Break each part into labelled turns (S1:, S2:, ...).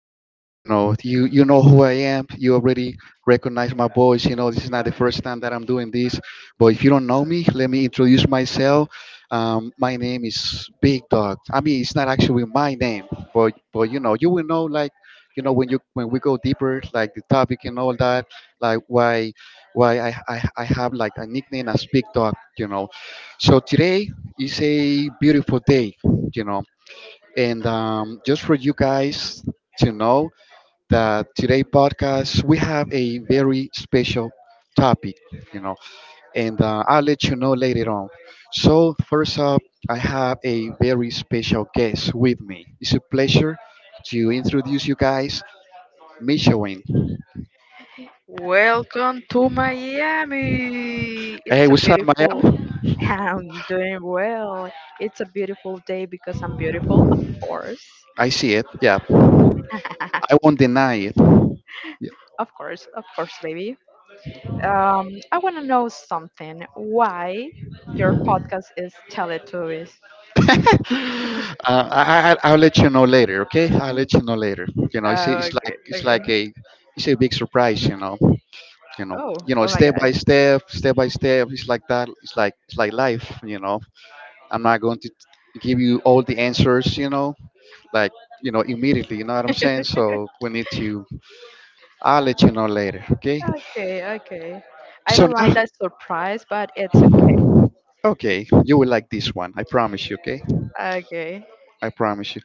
S1: again. You know, you know who I am. You already recognize my voice. You know, this is not the first time that I'm doing this. But if you don't know me, let me introduce myself. My name is Big Dog. I mean, it's not actually my name, but you know, you will know, like you know when you when we go deeper, like the topic and all that, like why I have like a nickname as Big Dog. You know, so today is a beautiful day. You know. And just for you guys to know that today podcast we have a very special topic, you know, and I'll let you know later on. So first up, I have a very special guest with me. It's a pleasure to introduce you guys, Michoin.
S2: Welcome to Miami.
S1: Hey,
S2: It's a
S1: what's up, Maya?
S2: beautiful. I'm doing well. It's a beautiful day because I'm beautiful, of course.
S1: I see it. Yeah, I won't deny it. Yeah.
S2: Of course, baby. I want to know something. Why your podcast is Teletubbies?
S1: uh, I'll let you know later, okay? I'll let you know later. You know, it's,
S2: Oh,
S1: it's like
S2: okay,
S1: it's like
S2: okay.
S1: a it's a big surprise, you know. You know,
S2: Oh,
S1: you know,
S2: oh my
S1: step
S2: God.
S1: by step, step by step. It's like that. It's like life, you know. I'm not going to give you all the answers, you know, like you know immediately. You know what I'm saying? So we need to. I'll let you know later, okay?
S2: Okay, okay. I
S1: So
S2: don't like
S1: now,
S2: that surprise, but it's okay.
S1: okay, you will like this one. I promise you, okay?
S2: Okay.
S1: I promise you.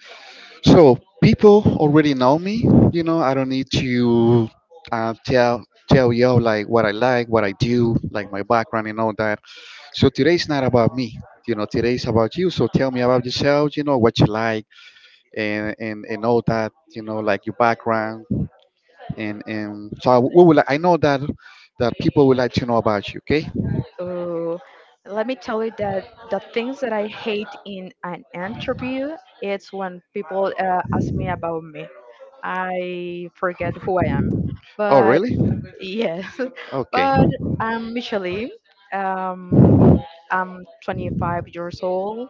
S1: So people already know me. You know, I don't need to tell you like, what I do, like my background and all that. So today's not about me. You know, today's about you. So tell me about yourself. You know what you like and all that. You know, like your background and we will. I know that people would like to know about you. Okay.
S2: Ooh, let me tell you that the things that I hate in an interview, it's when people ask me about me. I forget who I am.
S1: Oh,
S2: But
S1: really?
S2: yes,
S1: Okay.
S2: but I'm Michelle. Um, I'm 25 years old.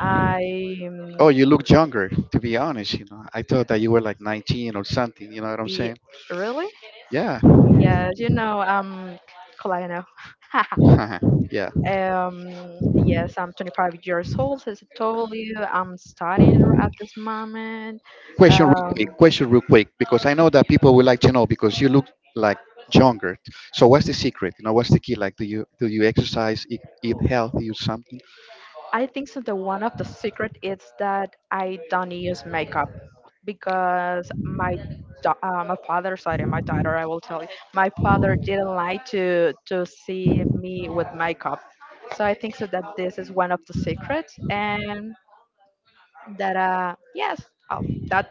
S2: I um,
S1: Oh, you look younger, to be honest. You know, I thought that you were like 19 or something. You know what I'm
S2: e-
S1: saying?
S2: really,
S1: Yeah.
S2: yes, Kalina.
S1: Uh-huh. Yeah.
S2: Yes, I'm 25 years old, so as I told you. I'm at this moment.
S1: Question real
S2: Um,
S1: quick. Question real quick, because I know that people would like to know because you look like younger. So what's the secret? You know, what's the key? Like, do you exercise, eat healthy, or something?
S2: I think so the one of the secret is that I don't use makeup because my da- my father, sorry, my daughter, I will tell you, my father didn't like to see me with makeup. So I think so that this is one of the secrets, and that yes, oh, that.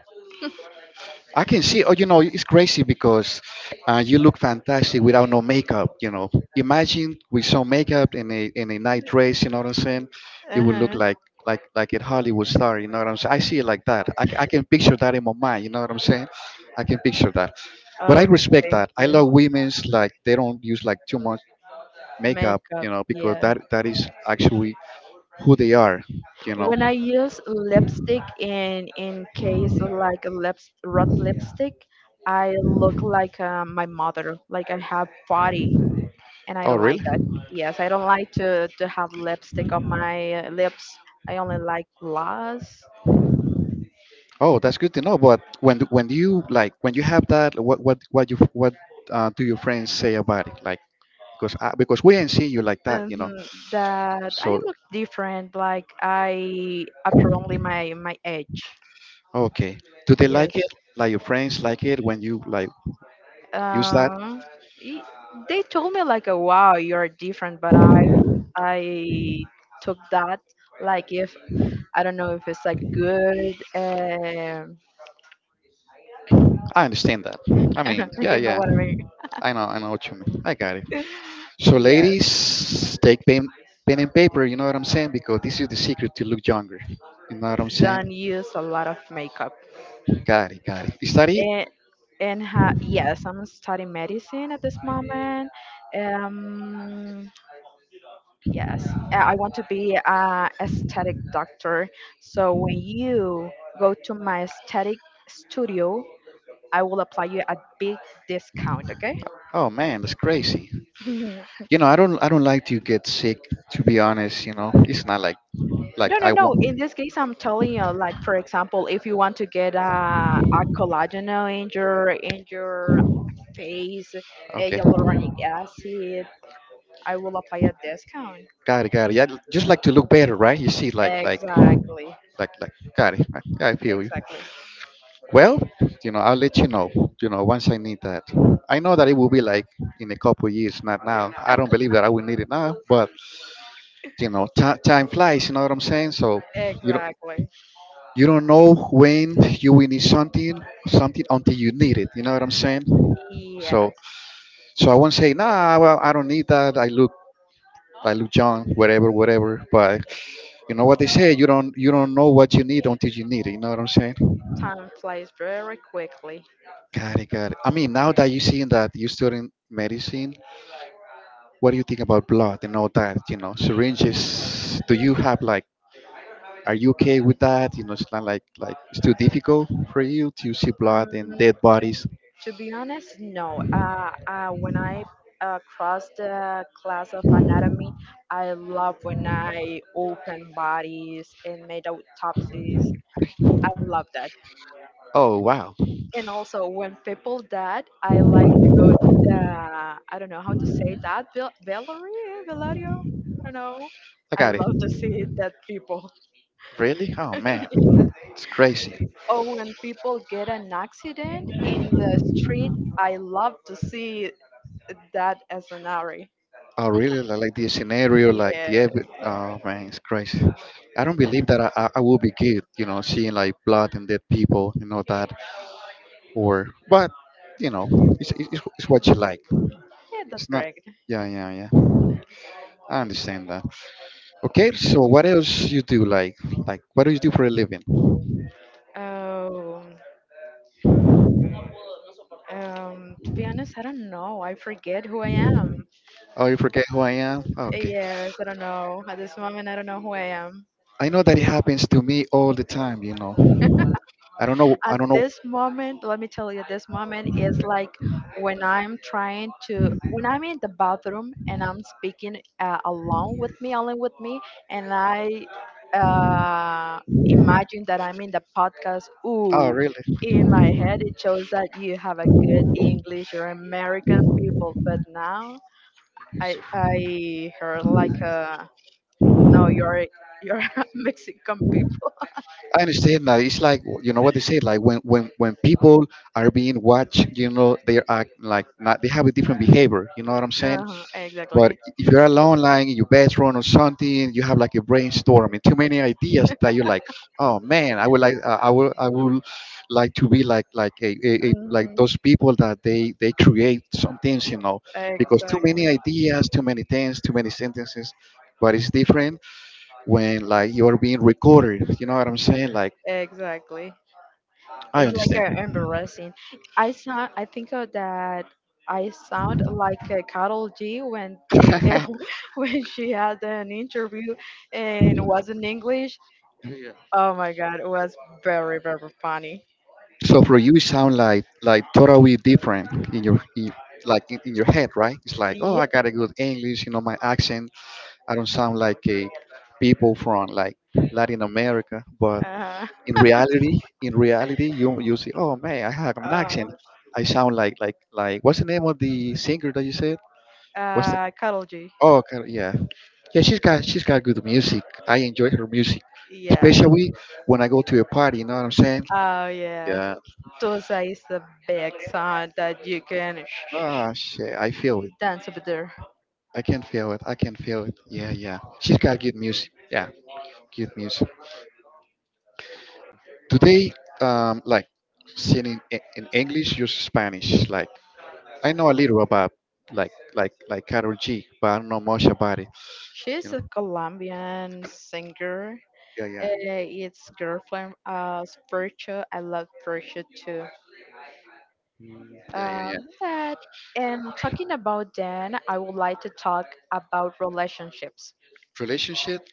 S1: I can see. Oh, you know, it's crazy because you look fantastic without no makeup. You know, imagine with some makeup and a in a night dress. You know what I'm saying? You would look
S2: Uh-huh.
S1: like like a Hollywood star. You know what I'm saying? I see it like that. I can picture that in my mind. You know what I'm saying? I can picture that. But
S2: Oh,
S1: I respect
S2: thank
S1: that. I
S2: you.
S1: love women's like they don't use like too much makeup. You
S2: Makeup,
S1: know, because
S2: yeah.
S1: that is actually who they are. You know.
S2: When I use lipstick in case of like a lips red lipstick, I look like my mother, like I have body, and I
S1: Oh,
S2: don't like
S1: really?
S2: that. Yes, I don't like to have lipstick on my lips. I only like gloss.
S1: Oh, that's good to know. But when you like when you have that, what do your friends say about it? Like because because we ain't see you like that, you know.
S2: Hmm. That I
S1: So
S2: look different. Like I apparently my my age.
S1: okay, do they like
S2: Yes.
S1: it? Like your friends like it when you like use that?
S2: Um. y- they told me like, oh, "Wow, you're different," but I took that like if I don't know if it's like good.
S1: I understand that. I mean, yeah,
S2: You know
S1: yeah.
S2: what I mean?
S1: I know what you mean. I got it. So
S2: Yes,
S1: ladies, take pen and paper. You know what I'm saying? Because this is the secret to look younger. You know what I'm saying?
S2: don't use a lot of makeup.
S1: Got it, got it. Is that it?
S2: And yes, I'm studying medicine at this moment. Um, yes, I want to be a aesthetic doctor. So when you go to my aesthetic studio I will apply you a big discount, okay?
S1: Oh man, that's crazy.
S2: Mhm.
S1: You know, I don't like to get sick, to be honest. You know, it's not like like
S2: No, no,
S1: I want
S2: no. In this case, I'm telling you, like for example, if you want to get a collagen in your face, a
S1: okay
S2: hyaluronic acid, I will apply a discount.
S1: got it, got it. Yeah, just like to look better, right? You see like like
S2: Exactly,
S1: like like got it. I feel you,
S2: exactly,
S1: well, you know, I'll let you know, you know, once I need that. I know that it will be like in a couple years, not now. I don't believe that I will need it now, but you know, ti time flies, you know what I'm saying? So you don't,
S2: exactly.
S1: you don't know when you will need something until you need it, you know what I'm saying? So
S2: Yes,
S1: so I won't say, nah, well, I don't need that. I look young, whatever, whatever. But you know what they say, you don't know what you need until you need it. You know what I'm saying?
S2: time flies very quickly.
S1: Got it, got it. I mean, now that you're seeing that you're studying medicine, what do you think about blood and all that? You know, syringes. Do you have like, are you okay with that? You know, it's not like, like it's too difficult for you to see blood and
S2: Mm,
S1: dead
S2: to
S1: bodies.
S2: To be honest, no. When I crossed the class of anatomy, I love when I open bodies and made autopsies. I love that.
S1: Oh wow,
S2: And also, when people died, I like to go to the I don't know how to say that Valerie Velario. I don't know.
S1: I
S2: I
S1: got it.
S2: love to see dead people.
S1: Really? Oh man, it's crazy.
S2: Or when people get an accident in the street, I love to see that as an scenario.
S1: I really like the scenario, like
S2: Yeah.
S1: the oh man, it's crazy. I don't believe that I will be good, you know, seeing like blood and dead people, you know that, or but you know, it's what you like.
S2: Yeah, that's
S1: It's not,
S2: correct.
S1: yeah, yeah, yeah. I understand that. Okay, so what else you do? Like what do you do for a living?
S2: Oh, to be honest, I don't know. I forget who I am.
S1: Oh, you forget who I am? Oh, okay,
S2: Yes, I don't know. At this moment, I don't know who I am.
S1: I know that it happens to me all the time. You know,
S2: At
S1: I don't know.
S2: this moment, let me tell you, this moment is like when I'm in the bathroom and I'm speaking alone with me, only with me, and I uh, imagine that I'm in the podcast.
S1: Oh,
S2: Ooh.
S1: really?
S2: In my head, it shows that you have a good English, you're American people. But now I heard like no you're Mexican people.
S1: I understand that it's like you know what they say, like when people are being watched, you know they act like not they have a different behavior. You know what I'm saying?
S2: Uh,
S1: But
S2: exactly.
S1: if you're alone, like in your bedroom or something, you have like a brainstorm and too many ideas that you're like, oh man, I would like I will like to be like a like
S2: Hmm.
S1: those people that they create some things, you know, because too many
S2: Exactly.
S1: ideas, too many things, too many sentences. But it's different when like you're being recorded. You know what I'm saying? Like
S2: Exactly.
S1: I
S2: It's like
S1: understand.
S2: embarrassing. I think that I sound like Carol G when they when she had an interview and was in English. Oh my God, it was very funny.
S1: So for you, it sound like totally different in like in your head, right? It's like, oh,
S2: Yeah.
S1: I got a good English, you know, my accent. I don't sound like a people from like Latin America, but
S2: uh
S1: in reality, you say, oh man, I have an
S2: Uh,
S1: accent. I sound like like what's the name of the singer that you said? What's the
S2: Carol G.
S1: oh okay, yeah yeah she's got good music. I enjoy her music,
S2: Yeah.
S1: especially when I go to a party. You know what I'm saying?
S2: Oh yeah,
S1: Yeah.
S2: Tusa is the big song that you can
S1: Ah, shit. I feel it.
S2: dance over there.
S1: I can feel it. I can feel it. Yeah, yeah. She's got good music. Yeah, good music. Do they like sing in, in English, use Spanish? Like I know a little about like like Carol G, but I don't know much about it. You
S2: She's a
S1: know?
S2: Colombian singer.
S1: Yeah, yeah.
S2: Uh, it's girlfriend of Virtue. I love Virtue too.
S1: Mm, yeah, yeah,
S2: Uh,
S1: yeah.
S2: that and talking about Dan, I would like to talk about relationships.
S1: Relationship?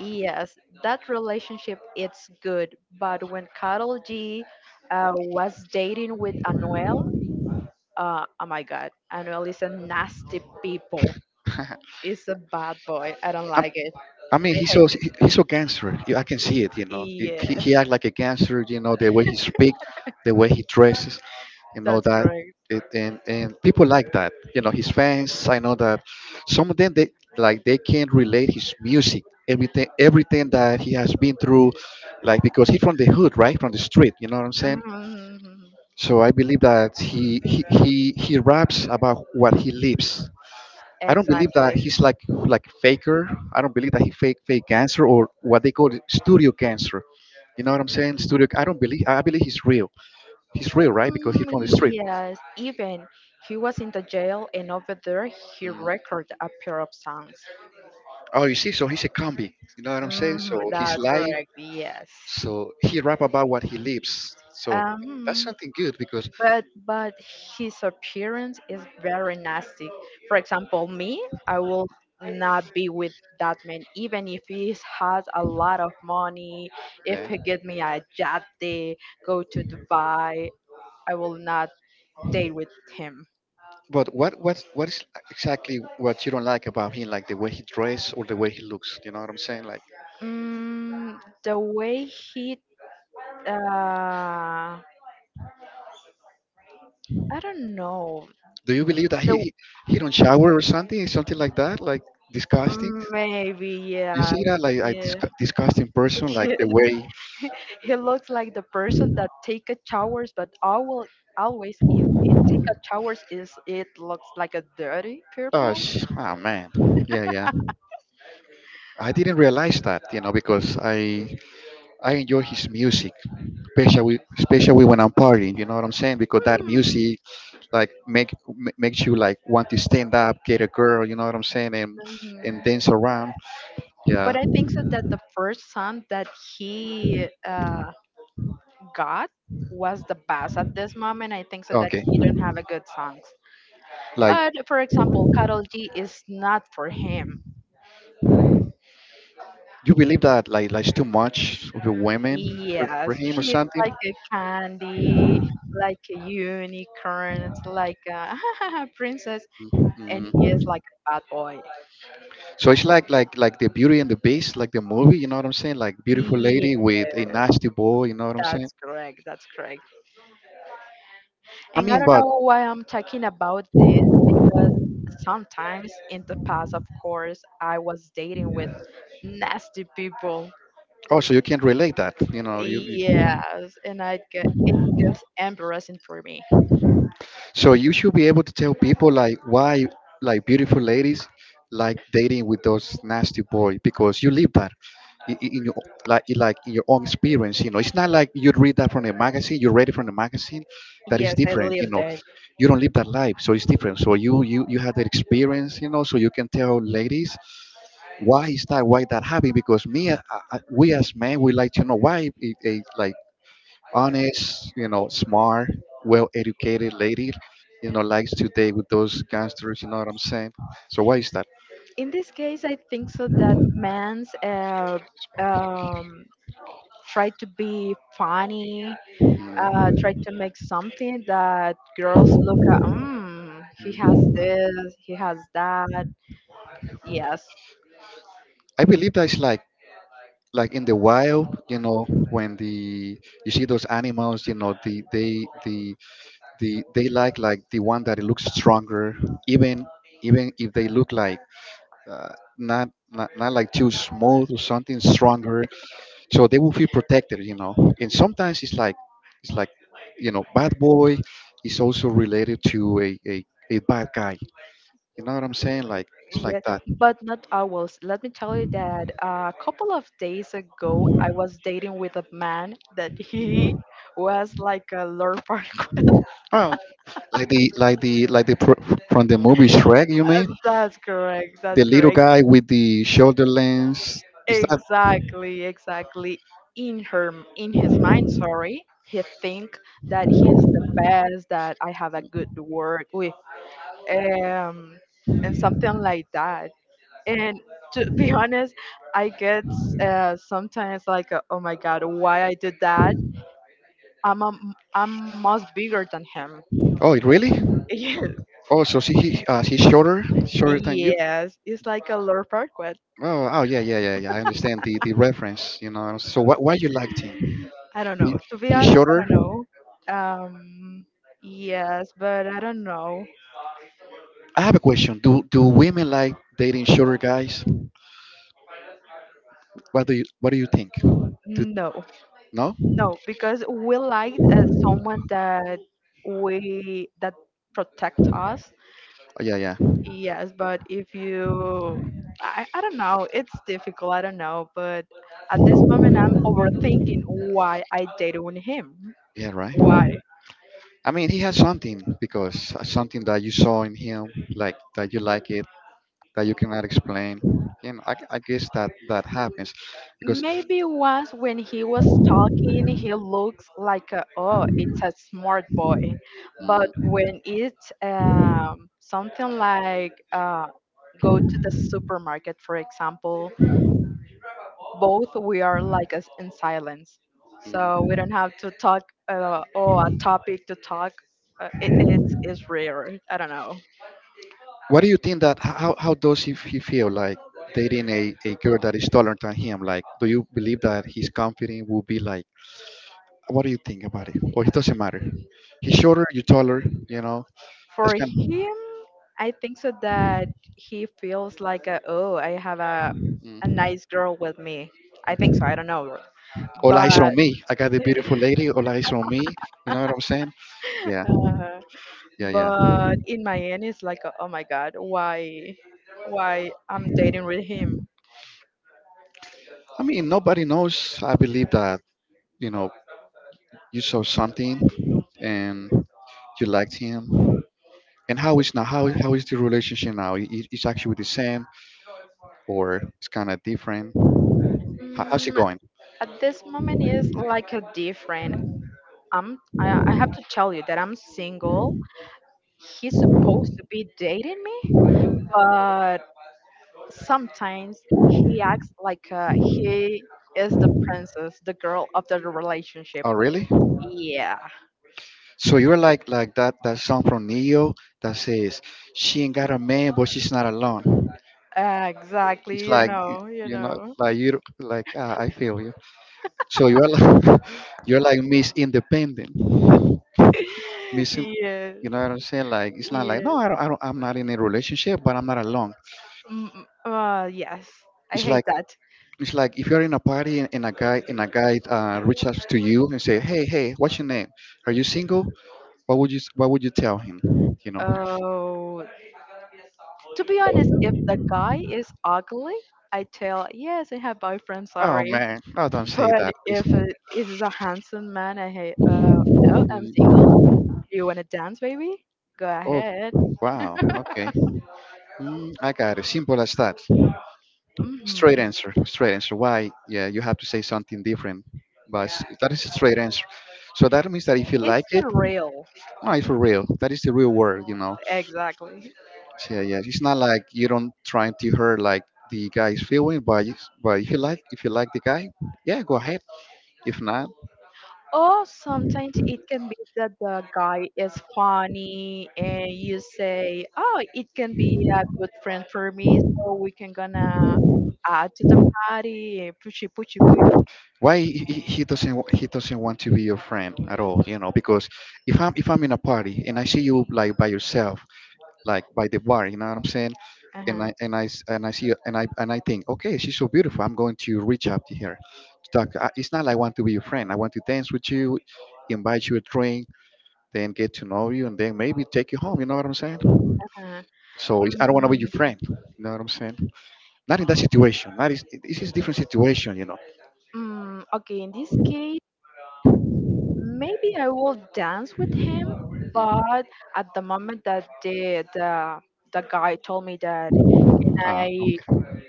S2: Yes, that relationship it's good, but when Carol G was dating with Anuel, oh my God, Anuel is a nasty people. He's a bad boy. I don't
S1: I,
S2: like it.
S1: I mean,
S2: I hate him.
S1: he's so gangster. You- I can see it. You know, he
S2: Yes,
S1: act like a gangster. You know, the way he speak, the way he dresses, and all
S2: that's
S1: that.
S2: correct.
S1: And people like that. You know, his fans. I know that some of them they like they can relate his music, everything that he has been through, like because he's from the hood, right, from the street. You know what I'm saying?
S2: Mhm.
S1: So I believe that he he raps about what he lives. I don't believe that
S2: Exactly.
S1: he's like faker. I don't believe that he fake cancer or what they call it, studio cancer. You know what I'm saying? Studio. I don't believe. I believe he's real. He's real, right? Because he's
S2: Mm,
S1: from the street.
S2: yes, even he was in the jail, and over there he recorded a pair of songs.
S1: Oh, you see. So he's a combi. You know what I'm saying?
S2: Hmm,
S1: So he's
S2: that's
S1: live.
S2: correct. Yes.
S1: So he rap about what he lives. So that's
S2: Um,
S1: something good because
S2: but his appearance is very nasty. For example, me, I will not be with that man, even if he has a lot of money. If
S1: yeah,
S2: he give me a yate, go to Dubai, I will not date with him.
S1: but what is exactly what you don't like about him, like the way he dress or the way he looks? You know what I'm saying? Like,
S2: Mm, the way he, uh, I don't know.
S1: do you believe that
S2: The
S1: he don't shower or something, something like that? Like disgusting.
S2: Maybe
S1: You see
S2: yes,
S1: that like a
S2: yeah.
S1: disgusting person, like the way.
S2: He looks like the person that take a showers, but always, always if it take a showers, is it looks like a dirty
S1: Oh,
S2: purple.
S1: oh man, yeah, yeah. I didn't realize that, you know, because I enjoy his music, especially when I'm partying. You know what I'm saying? Because that
S2: Hmm.
S1: music like makes you like want to stand up, get a girl, you know what I'm saying, and
S2: Mhm.
S1: dance around. Yeah.
S2: But I think so that the first son that he got was the best at this moment. I think so that
S1: Okay.
S2: he don't have a good songs.
S1: Like
S2: But for example, Carol G is not for him.
S1: you believe that like it's too much of the women
S2: Yes,
S1: for him or
S2: she's
S1: something.
S2: like a candy, like a unicorn, like a princess. And he
S1: Mm.
S2: is like a bad boy.
S1: So it's like like the Beauty and the Beast, like the movie. You know what I'm saying? Like beautiful
S2: Yes,
S1: lady with a nasty boy. You know what I'm saying?
S2: that's correct. That's correct.
S1: I
S2: And I
S1: mean,
S2: don't
S1: but
S2: know why I'm talking about this because sometimes in the past, of course, I was dating with nasty people.
S1: also you can't relate that. You know. You
S2: Yes, and I get it gets embarrassing for me.
S1: So you should be able to tell people like why like beautiful ladies like dating with those nasty boys because you live that in your, like in your own experience. You know, it's not like you read that from a magazine. You read it from a magazine. That is
S2: Yes, I
S1: different. You
S2: lived
S1: know,
S2: it.
S1: you don't live that life, so it's different. So you had that experience. You know, so you can tell ladies why is that, why that happened, because me we as men we like to know why like honest, you know, smart, well-educated lady, you know, likes to date with those gangsters. You know what I'm saying? So why is that?
S2: In this case, I think so that man's um, try to be funny try
S1: Mm.
S2: to make something that girls look at. Mm, he has this. He has that. Yes.
S1: I believe that it's like in the wild, you know, when the, you see those animals, you know, the they like the one that looks stronger, even even if they look like not like too small or something stronger. So they will feel protected, you know, and sometimes it's like, it's like, you know, bad boy is also related to a bad guy, you know what I'm saying, like it's like
S2: Yes,
S1: that.
S2: but not always. Let me tell you that a couple of days ago, I was dating with a man that he was like a lord park.
S1: Oh, like the like the like from the movie Shrek, you mean?
S2: That's correct.
S1: The
S2: That's
S1: little
S2: correct.
S1: guy with the shoulder lens, is that?
S2: Exactly, exactly. In his mind, sorry, he think that he's the best, that I have a good work with, um, and something like that. And to be honest, I get sometimes like, oh my God, why I did that? I'm much bigger than him.
S1: Oh, really? Oh, so she's shorter
S2: Yes,
S1: shorter than you?
S2: yes. It's like a Lord Farquaad.
S1: Oh, oh, yeah, yeah, yeah, yeah, I understand the reference, you know. So why you like him?
S2: I don't
S1: he,
S2: know. To be
S1: he's
S2: honest, I
S1: shorter.
S2: don't know. Yes, but I don't know.
S1: I have a question. Do women like dating shorter guys? What do you, what do you think?
S2: No,
S1: No?
S2: no, because we like someone that we that protect us.
S1: Oh, yeah, yeah,
S2: Yes, but if you, I don't know, it's difficult. I don't know, but at this moment, I'm overthinking why I dated with him.
S1: yeah. Right.
S2: Why?
S1: I mean, he has something because something that you saw in him, like that you like it, that you cannot explain. You know, I guess that that happens because.
S2: Maybe was when he was talking, he looks like a, oh, it's a smart boy, but when it's something like go to the
S1: Mm.
S2: supermarket, for example, both we are like as in silence, so we don't have to talk or a topic to talk. It's rare. I don't know.
S1: What do you think that how does he feel like dating a girl that is taller than him? Like, do you believe that his confidence will be like? What do you think about it? Or it doesn't matter. He's shorter, you taller. You know, that's
S2: For
S1: kind of.
S2: him, I think so that he feels like a, oh, I have a
S1: Mm.
S2: nice girl with me. I think so. I don't know,
S1: All eyes
S2: but
S1: on me. I got the beautiful lady. All eyes on me. You know what I'm saying? Yeah,
S2: uh,
S1: yeah, yeah.
S2: but in my end, it's like oh my god, why I'm dating with him?
S1: I mean, nobody knows. I believe that, you know, you saw something and you liked him. And how is now, how is the relationship now? It's actually the same or it's kind of different? How, how's it
S2: Mm,
S1: going?
S2: at this moment, is like a different. I have to tell you that I'm single. He's supposed to be dating me, but. Sometimes he acts like he is the princess, the girl of the relationship.
S1: Oh, really?
S2: Yeah,
S1: So you're like that song from Neo that says, "She ain't got a man but she's not alone."
S2: exactly.
S1: It's
S2: You know, you
S1: you know,
S2: know.
S1: like you like, ah, I feel you. So you're like, you're like Miss Independent. Missing.
S2: Yes,
S1: You know what I'm saying? Like, it's not like,
S2: yes.
S1: "No, I'm not in a relationship, but I'm not alone."
S2: Mm, mm, yes, I
S1: It's
S2: hate
S1: like,
S2: that.
S1: it's like if you're in a party, and a guy reaches out to you and say, "Hey, hey, what's your name? Are you single?" What would you tell him? You know?
S2: Oh, to be honest, if the guy is ugly, I tell, yes, I have boyfriend,
S1: Oh,
S2: sorry.
S1: man, no, don't
S2: But
S1: say that, please.
S2: if it is a handsome man, I hey, no, I'm
S1: Mm.
S2: single. Do you want to dance, baby? Go
S1: Oh,
S2: ahead.
S1: wow, okay. Mm, I got it. Simple as that. Straight
S2: Hmm.
S1: answer. Straight answer. Why? Yeah, you have to say something different, but that is a straight answer. So that means that if you
S2: It's
S1: like
S2: the
S1: it,
S2: real,
S1: no, it's for real. That is the real world, you know.
S2: exactly.
S1: Yeah, yeah, it's not like you don't trying to hurt like the guy's feeling, but it's, but if you like, if you like the guy, yeah, go ahead. If not,
S2: Or sometimes it can be that the guy is funny and you say, "Oh, it can be a good friend for me, so we can gonna add to the party." Pushy, pushy, pushy.
S1: why he doesn't want to be your friend at all, you know? Because if I'm in a party and I see you like by yourself, like by the bar, you know what I'm saying?
S2: Uh-huh.
S1: And I think, okay, she's so beautiful. I'm going to reach out to her. To talk. I- It's not like I want to be your friend. I want to dance with you, invite you a drink, then get to know you, and then maybe take you home. You know what I'm saying?
S2: Uh-huh.
S1: So it's, I don't want to be your
S2: Mm,
S1: friend. You know what I'm saying? Not in that situation. Not, is this is different situation. You know.
S2: okay, in this case. Maybe I will dance with him, but at the moment that the guy told me that I
S1: Okay.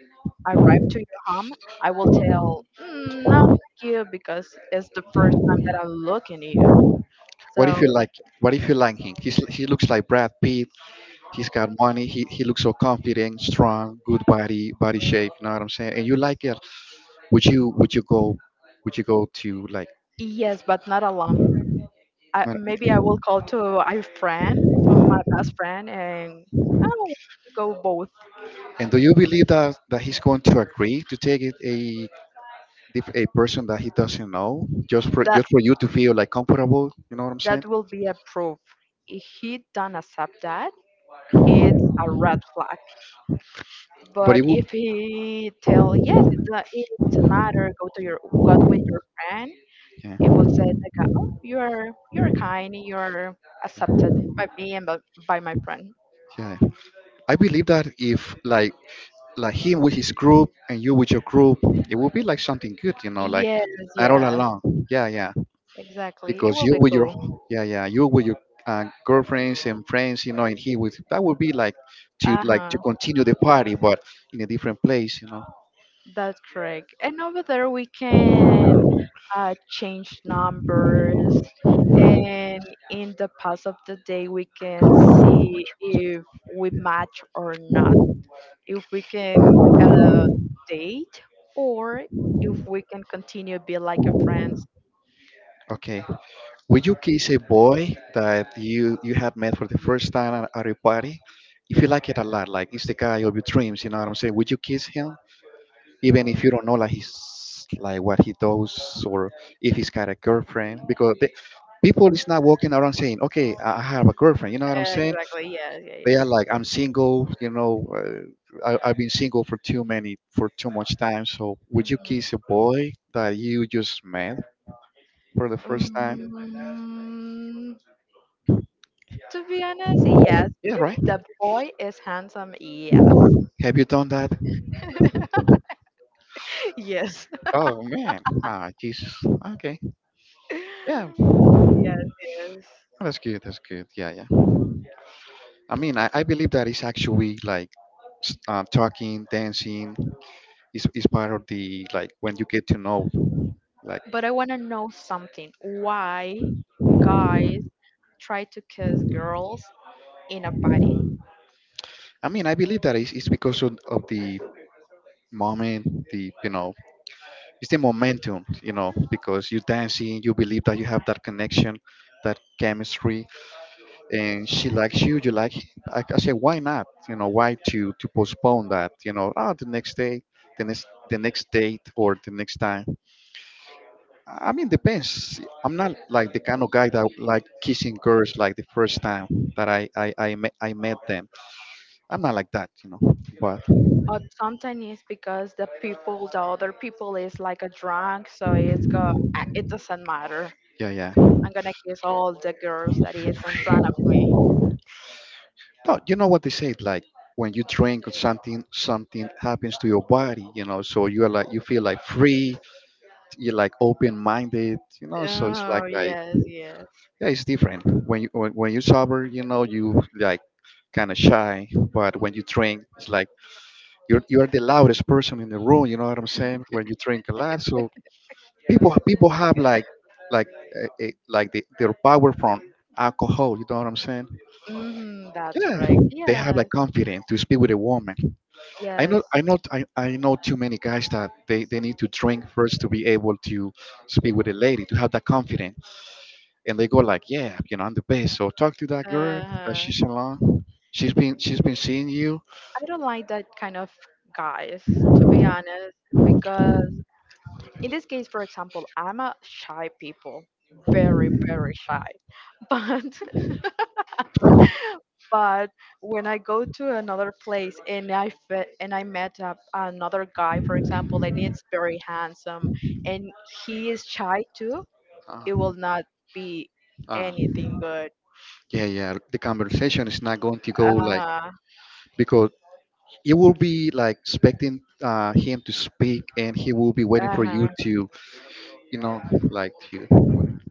S2: arrive to your home, I will tell "Mm, no thank you because it's the first time that I'm looking at you.
S1: What if
S2: So
S1: you like? What if you like him? He's, he looks like Brad Pitt. He's got money. He looks so confident, strong, good body, body shape. You know what I'm saying? And you like it? Would you go? Would you go to like?
S2: yes, but not alone.
S1: Not.
S2: Maybe I will call to a friend, to my best friend, and I will go both.
S1: And do you believe that that he's going to agree to take it a a person that he doesn't know just for
S2: That.
S1: just for you to feel like comfortable? You know what I'm saying?
S2: That will be a proof. If he don't accept that, it's a red flag.
S1: But it
S2: But
S1: would.
S2: if he tell yes, it's a, it doesn't matter. Go with your friend.
S1: Yeah,
S2: It will say like, oh, you're kind, you're accepted by me and by my friend.
S1: yeah, I believe that if like, like him with his group and you with your group, it would be like something good, you know. Like
S2: Yes,
S1: not all
S2: yes,
S1: alone. Yeah, yeah.
S2: exactly. It
S1: Because
S2: will
S1: you
S2: be
S1: with your,
S2: cool.
S1: yeah, yeah, you with your girlfriends and friends, you know, and he with that, would be
S2: Uh
S1: like
S2: huh.
S1: to continue the party but in a different place, you know.
S2: That's correct. And over there we can change numbers and in the pass of the day we can see if we match or not, if we can date or if we can continue be like a friends.
S1: Okay, would you kiss a boy that you had met for the first time at a party, if you like it a lot, like it's the guy of your dreams, you know what I'm saying? Would you kiss him even if you don't know like his like what he does, or if he's got a girlfriend, because they, people is not walking around saying, "Okay, I have a girlfriend." You know what I'm saying?
S2: Exactly. Yeah. Yeah.
S1: They
S2: Yeah.
S1: are like, "I'm single," you know. I, I've been single for too many, for too much time. So would you kiss a boy that you just met for the first time?
S2: Mhm. To be honest, yes.
S1: Yeah,
S2: If
S1: right.
S2: the boy is handsome, yes.
S1: Have you done that?
S2: Yes.
S1: Oh, man, ah, Jesus. Okay. Yeah,
S2: Yes, yes.
S1: that's good, that's good, yeah, yeah. I mean, I believe that it's actually like talking, dancing is part of the like when you get to know. Like,
S2: But I want to know something. Why guys try to kiss girls in a party?
S1: I mean, I believe that it's because of the moment, the, you know, it's the momentum, you know, because you're dancing, you believe that you have that connection, that chemistry, and she likes you, you like. I say, why not? You know, why to postpone that? You know, ah, the next day, the next date or the next time. I mean, depends. I'm not like the kind of guy that like kissing girls like the first time that I met them. I'm not like that, you know. But
S2: But sometimes it's because the people, the other people is like a drunk, so it's go, "Ah, it doesn't matter.
S1: yeah, yeah.
S2: I'm gonna kiss all the girls that is in front of me.
S1: No, you know what they say, like when you drink or something, something happens to your body, you know. So you are like you feel like free. You're like open-minded, you know. So it's like
S2: Oh
S1: like
S2: yes, yes.
S1: yeah, it's different when you, when you sober, you know, you like kind of shy. But when you drink, it's like you're the loudest person in the room. You know what I'm saying? When you drink a lot, so people have like like their power from alcohol. You know what I'm saying?
S2: Hmm, that's
S1: Yeah,
S2: correct.
S1: they
S2: Yes.
S1: have like confidence to speak with a woman. I know
S2: Yes.
S1: I know I, I know too many guys that they need to drink first to be able to speak with a lady to have that confidence, and they go like, yeah, you know, I'm the best. So talk to that girl that
S2: Uh-huh.
S1: she's alone. She's been seeing you.
S2: I don't like that kind of guys, to be honest, because in this case, for example, I'm a shy people, very, very shy. But but when I go to another place and I met up another guy, for example, and he's very handsome and he is shy too,
S1: Uh,
S2: it will not be
S1: uh,
S2: anything good.
S1: yeah, yeah. The conversation is not going to go like,
S2: Uh-huh.
S1: because you will be like expecting him to speak and he will be waiting for you
S2: Uh-huh.
S1: to, you know, like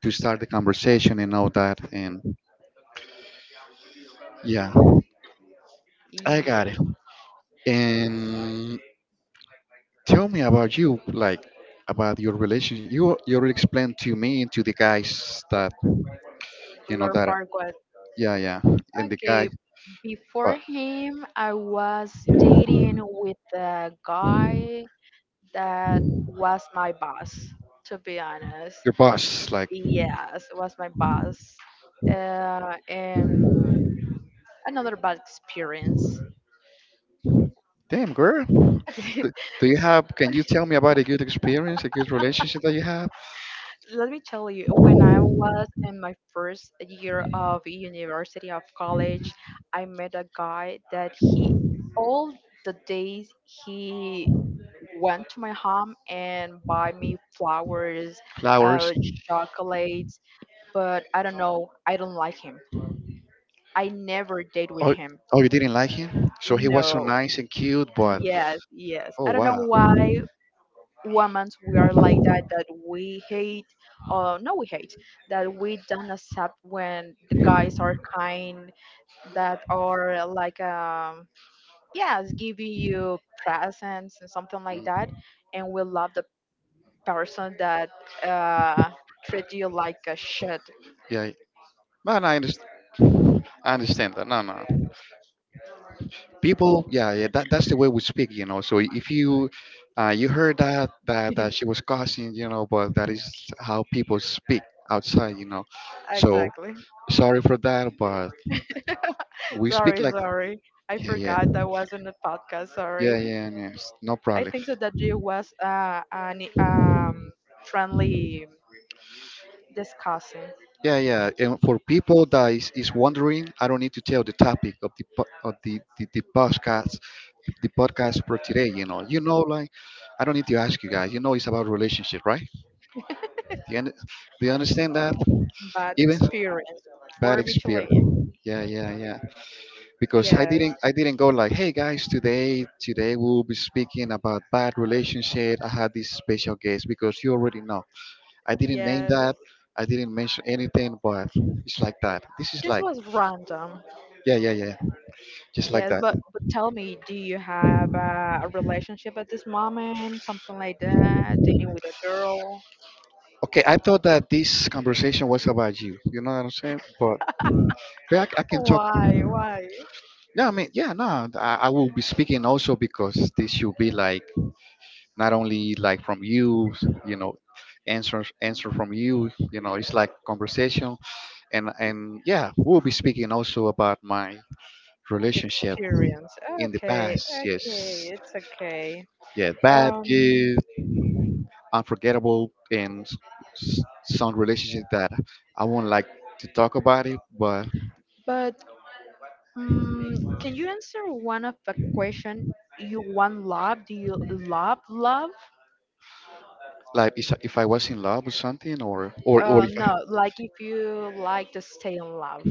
S1: to start the conversation and all that, and yeah, I
S2: Yeah,
S1: got it. And tell me about you, like about your relationship. You already explained to me and to the guys that, you know,
S2: Lord
S1: that,
S2: Farquaad.
S1: yeah, yeah. And the guy,
S2: Okay, before
S1: but
S2: him, I was dating with a guy that was my boss, to be honest.
S1: your boss, like?
S2: Yes, was my boss. And another bad experience.
S1: Damn, girl. Do, do you have, can you tell me about a good experience, a good relationship that you have?
S2: Let me tell you, when I was in my first year of university of college, I met a guy that he all the days he went to my home and buy me flowers,
S1: Flowers.
S2: uh, chocolates, but I don't know, I don't like him. I never date with
S1: Oh,
S2: him.
S1: oh, you didn't like him? So he was so
S2: No.
S1: nice and cute, but.
S2: Yes, yes.
S1: Oh,
S2: I don't know
S1: wow.
S2: why, women we are like that that we hate no we hate that we don't accept when the guys are kind that are like yes giving you presents and something like
S1: Mm.
S2: that and we love the person that uh treat you like a shit.
S1: Yeah, but I understand. I understand that. No, no. People, yeah, yeah. That, that's the way we speak, you know. So if you, you heard that that that she was cussing, you know, but that is how people speak outside, you know. So
S2: Exactly.
S1: sorry for that, but we speak
S2: Sorry,
S1: like,
S2: sorry, I
S1: yeah, yeah,
S2: forgot that was in the podcast sorry.
S1: yeah, yeah. Yes, no
S2: I
S1: problem.
S2: think so that it was an friendly discussing
S1: Yeah, yeah. And for people that is wondering, I don't need to tell the topic of the of the podcast, the podcast for today. You know, like I don't need to ask you guys. You know, it's about relationship, right? Do you, do you understand that?
S2: bad
S1: Even
S2: experience
S1: bad
S2: for
S1: experience.
S2: Michelin.
S1: Yeah, yeah, yeah. Because I
S2: Yes,
S1: didn't, I didn't go like, "Hey, guys, today, today we'll be speaking about bad relationship. I had this special guest because you already know." I didn't name
S2: yes.
S1: that. I didn't mention anything, but it's like that. This is
S2: This
S1: like,
S2: was random.
S1: yeah, yeah, yeah. Just like
S2: Yes,
S1: that.
S2: but tell me, do you have a relationship at this moment? Something like that? Dating with a girl?
S1: Okay, I thought that this conversation was about you. You know what I'm saying? But I, I can talk.
S2: Why? Why?
S1: Yeah, I mean, yeah, no, I will be speaking also because this should be like not only like from you, you know, answer from you. You know, it's like conversation, and yeah, we'll be speaking also about my
S2: Your
S1: relationship
S2: experience.
S1: in the
S2: Okay,
S1: past. Yes,
S2: okay, it's okay.
S1: yeah, bad,
S2: Um,
S1: good. Unforgettable and some relationships that I won't like to talk about it, but,
S2: but can you answer one of the question? You want love? Do you love love?
S1: like is, if I was in love or something, or if I,
S2: No, like if you like to stay in love,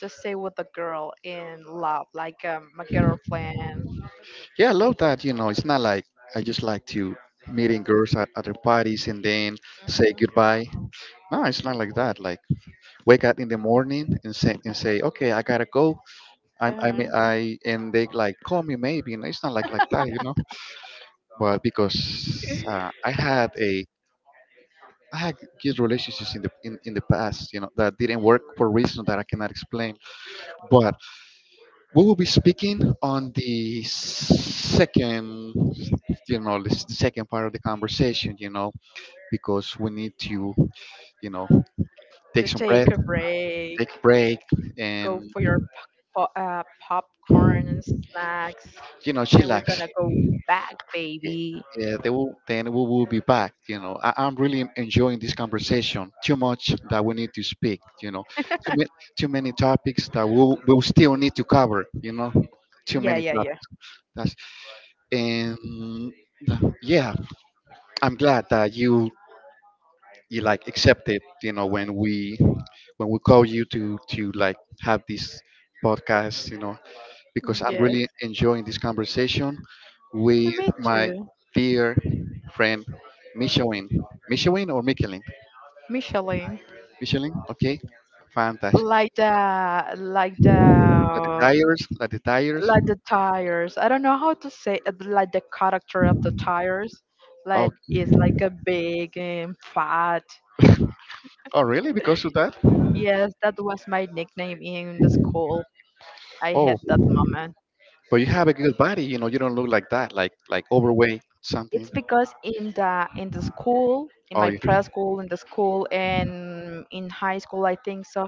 S2: just stay with a girl in love, like my girlfriend,
S1: yeah, I love that. You know, it's not like I just like to meeting girls at other parties and then say goodbye. No, it's not like that. Like wake up in the morning and say, "Okay, I gotta go." I
S2: uh,
S1: may- I And they like call me maybe. And it's not like, like that, you know. But because I had a, I had good relationships in the, in the past, you know, that didn't work for reasons that I cannot explain. But we will be speaking on the second, you know, the the second part of the conversation, you know, because we need to, you know, take
S2: to
S1: some breath,
S2: take a break,
S1: take a break,
S2: go
S1: and
S2: for your popcorn and snacks,
S1: you know,
S2: and we're
S1: chillax.
S2: gonna go back,
S1: Yeah,
S2: baby.
S1: yeah, they will, then we will be back. You know, I, I'm really enjoying this conversation too much that we need to speak. You know, too, ma- too many topics that we'll still need to cover. You know, too
S2: Yeah,
S1: many
S2: yeah, yeah.
S1: topics. That's, and yeah, I'm glad that you like accepted. You know, when we, when we call you to like have this podcast. You know, because I'm
S2: Yes,
S1: really enjoying this conversation
S2: and
S1: with
S2: me
S1: my
S2: too.
S1: dear friend Michelin. Michelin or Michelin?
S2: Micheline,
S1: Michelin, okay. Fantastic.
S2: like the like
S1: Like the
S2: the
S1: tires, like the tires.
S2: like the tires. I don't know how to say like the character of the tires.
S1: Oh,
S2: Like it's like a big and fat.
S1: oh, really? Because of that?
S2: Yes, that was my nickname in the school. I
S1: Oh,
S2: had that moment.
S1: but you have a good body. You know, you don't look like that, like overweight something.
S2: It's because in the school, in
S1: Oh,
S2: my preschool, in the school, and in high school, I think so.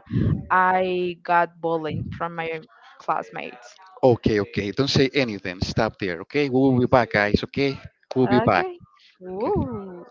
S2: I got bullying from my classmates.
S1: okay, okay. Don't say anything. Stop there, okay? We will be back, guys. Okay, we'll be back.
S2: Okay.
S1: Okay.
S2: Woo.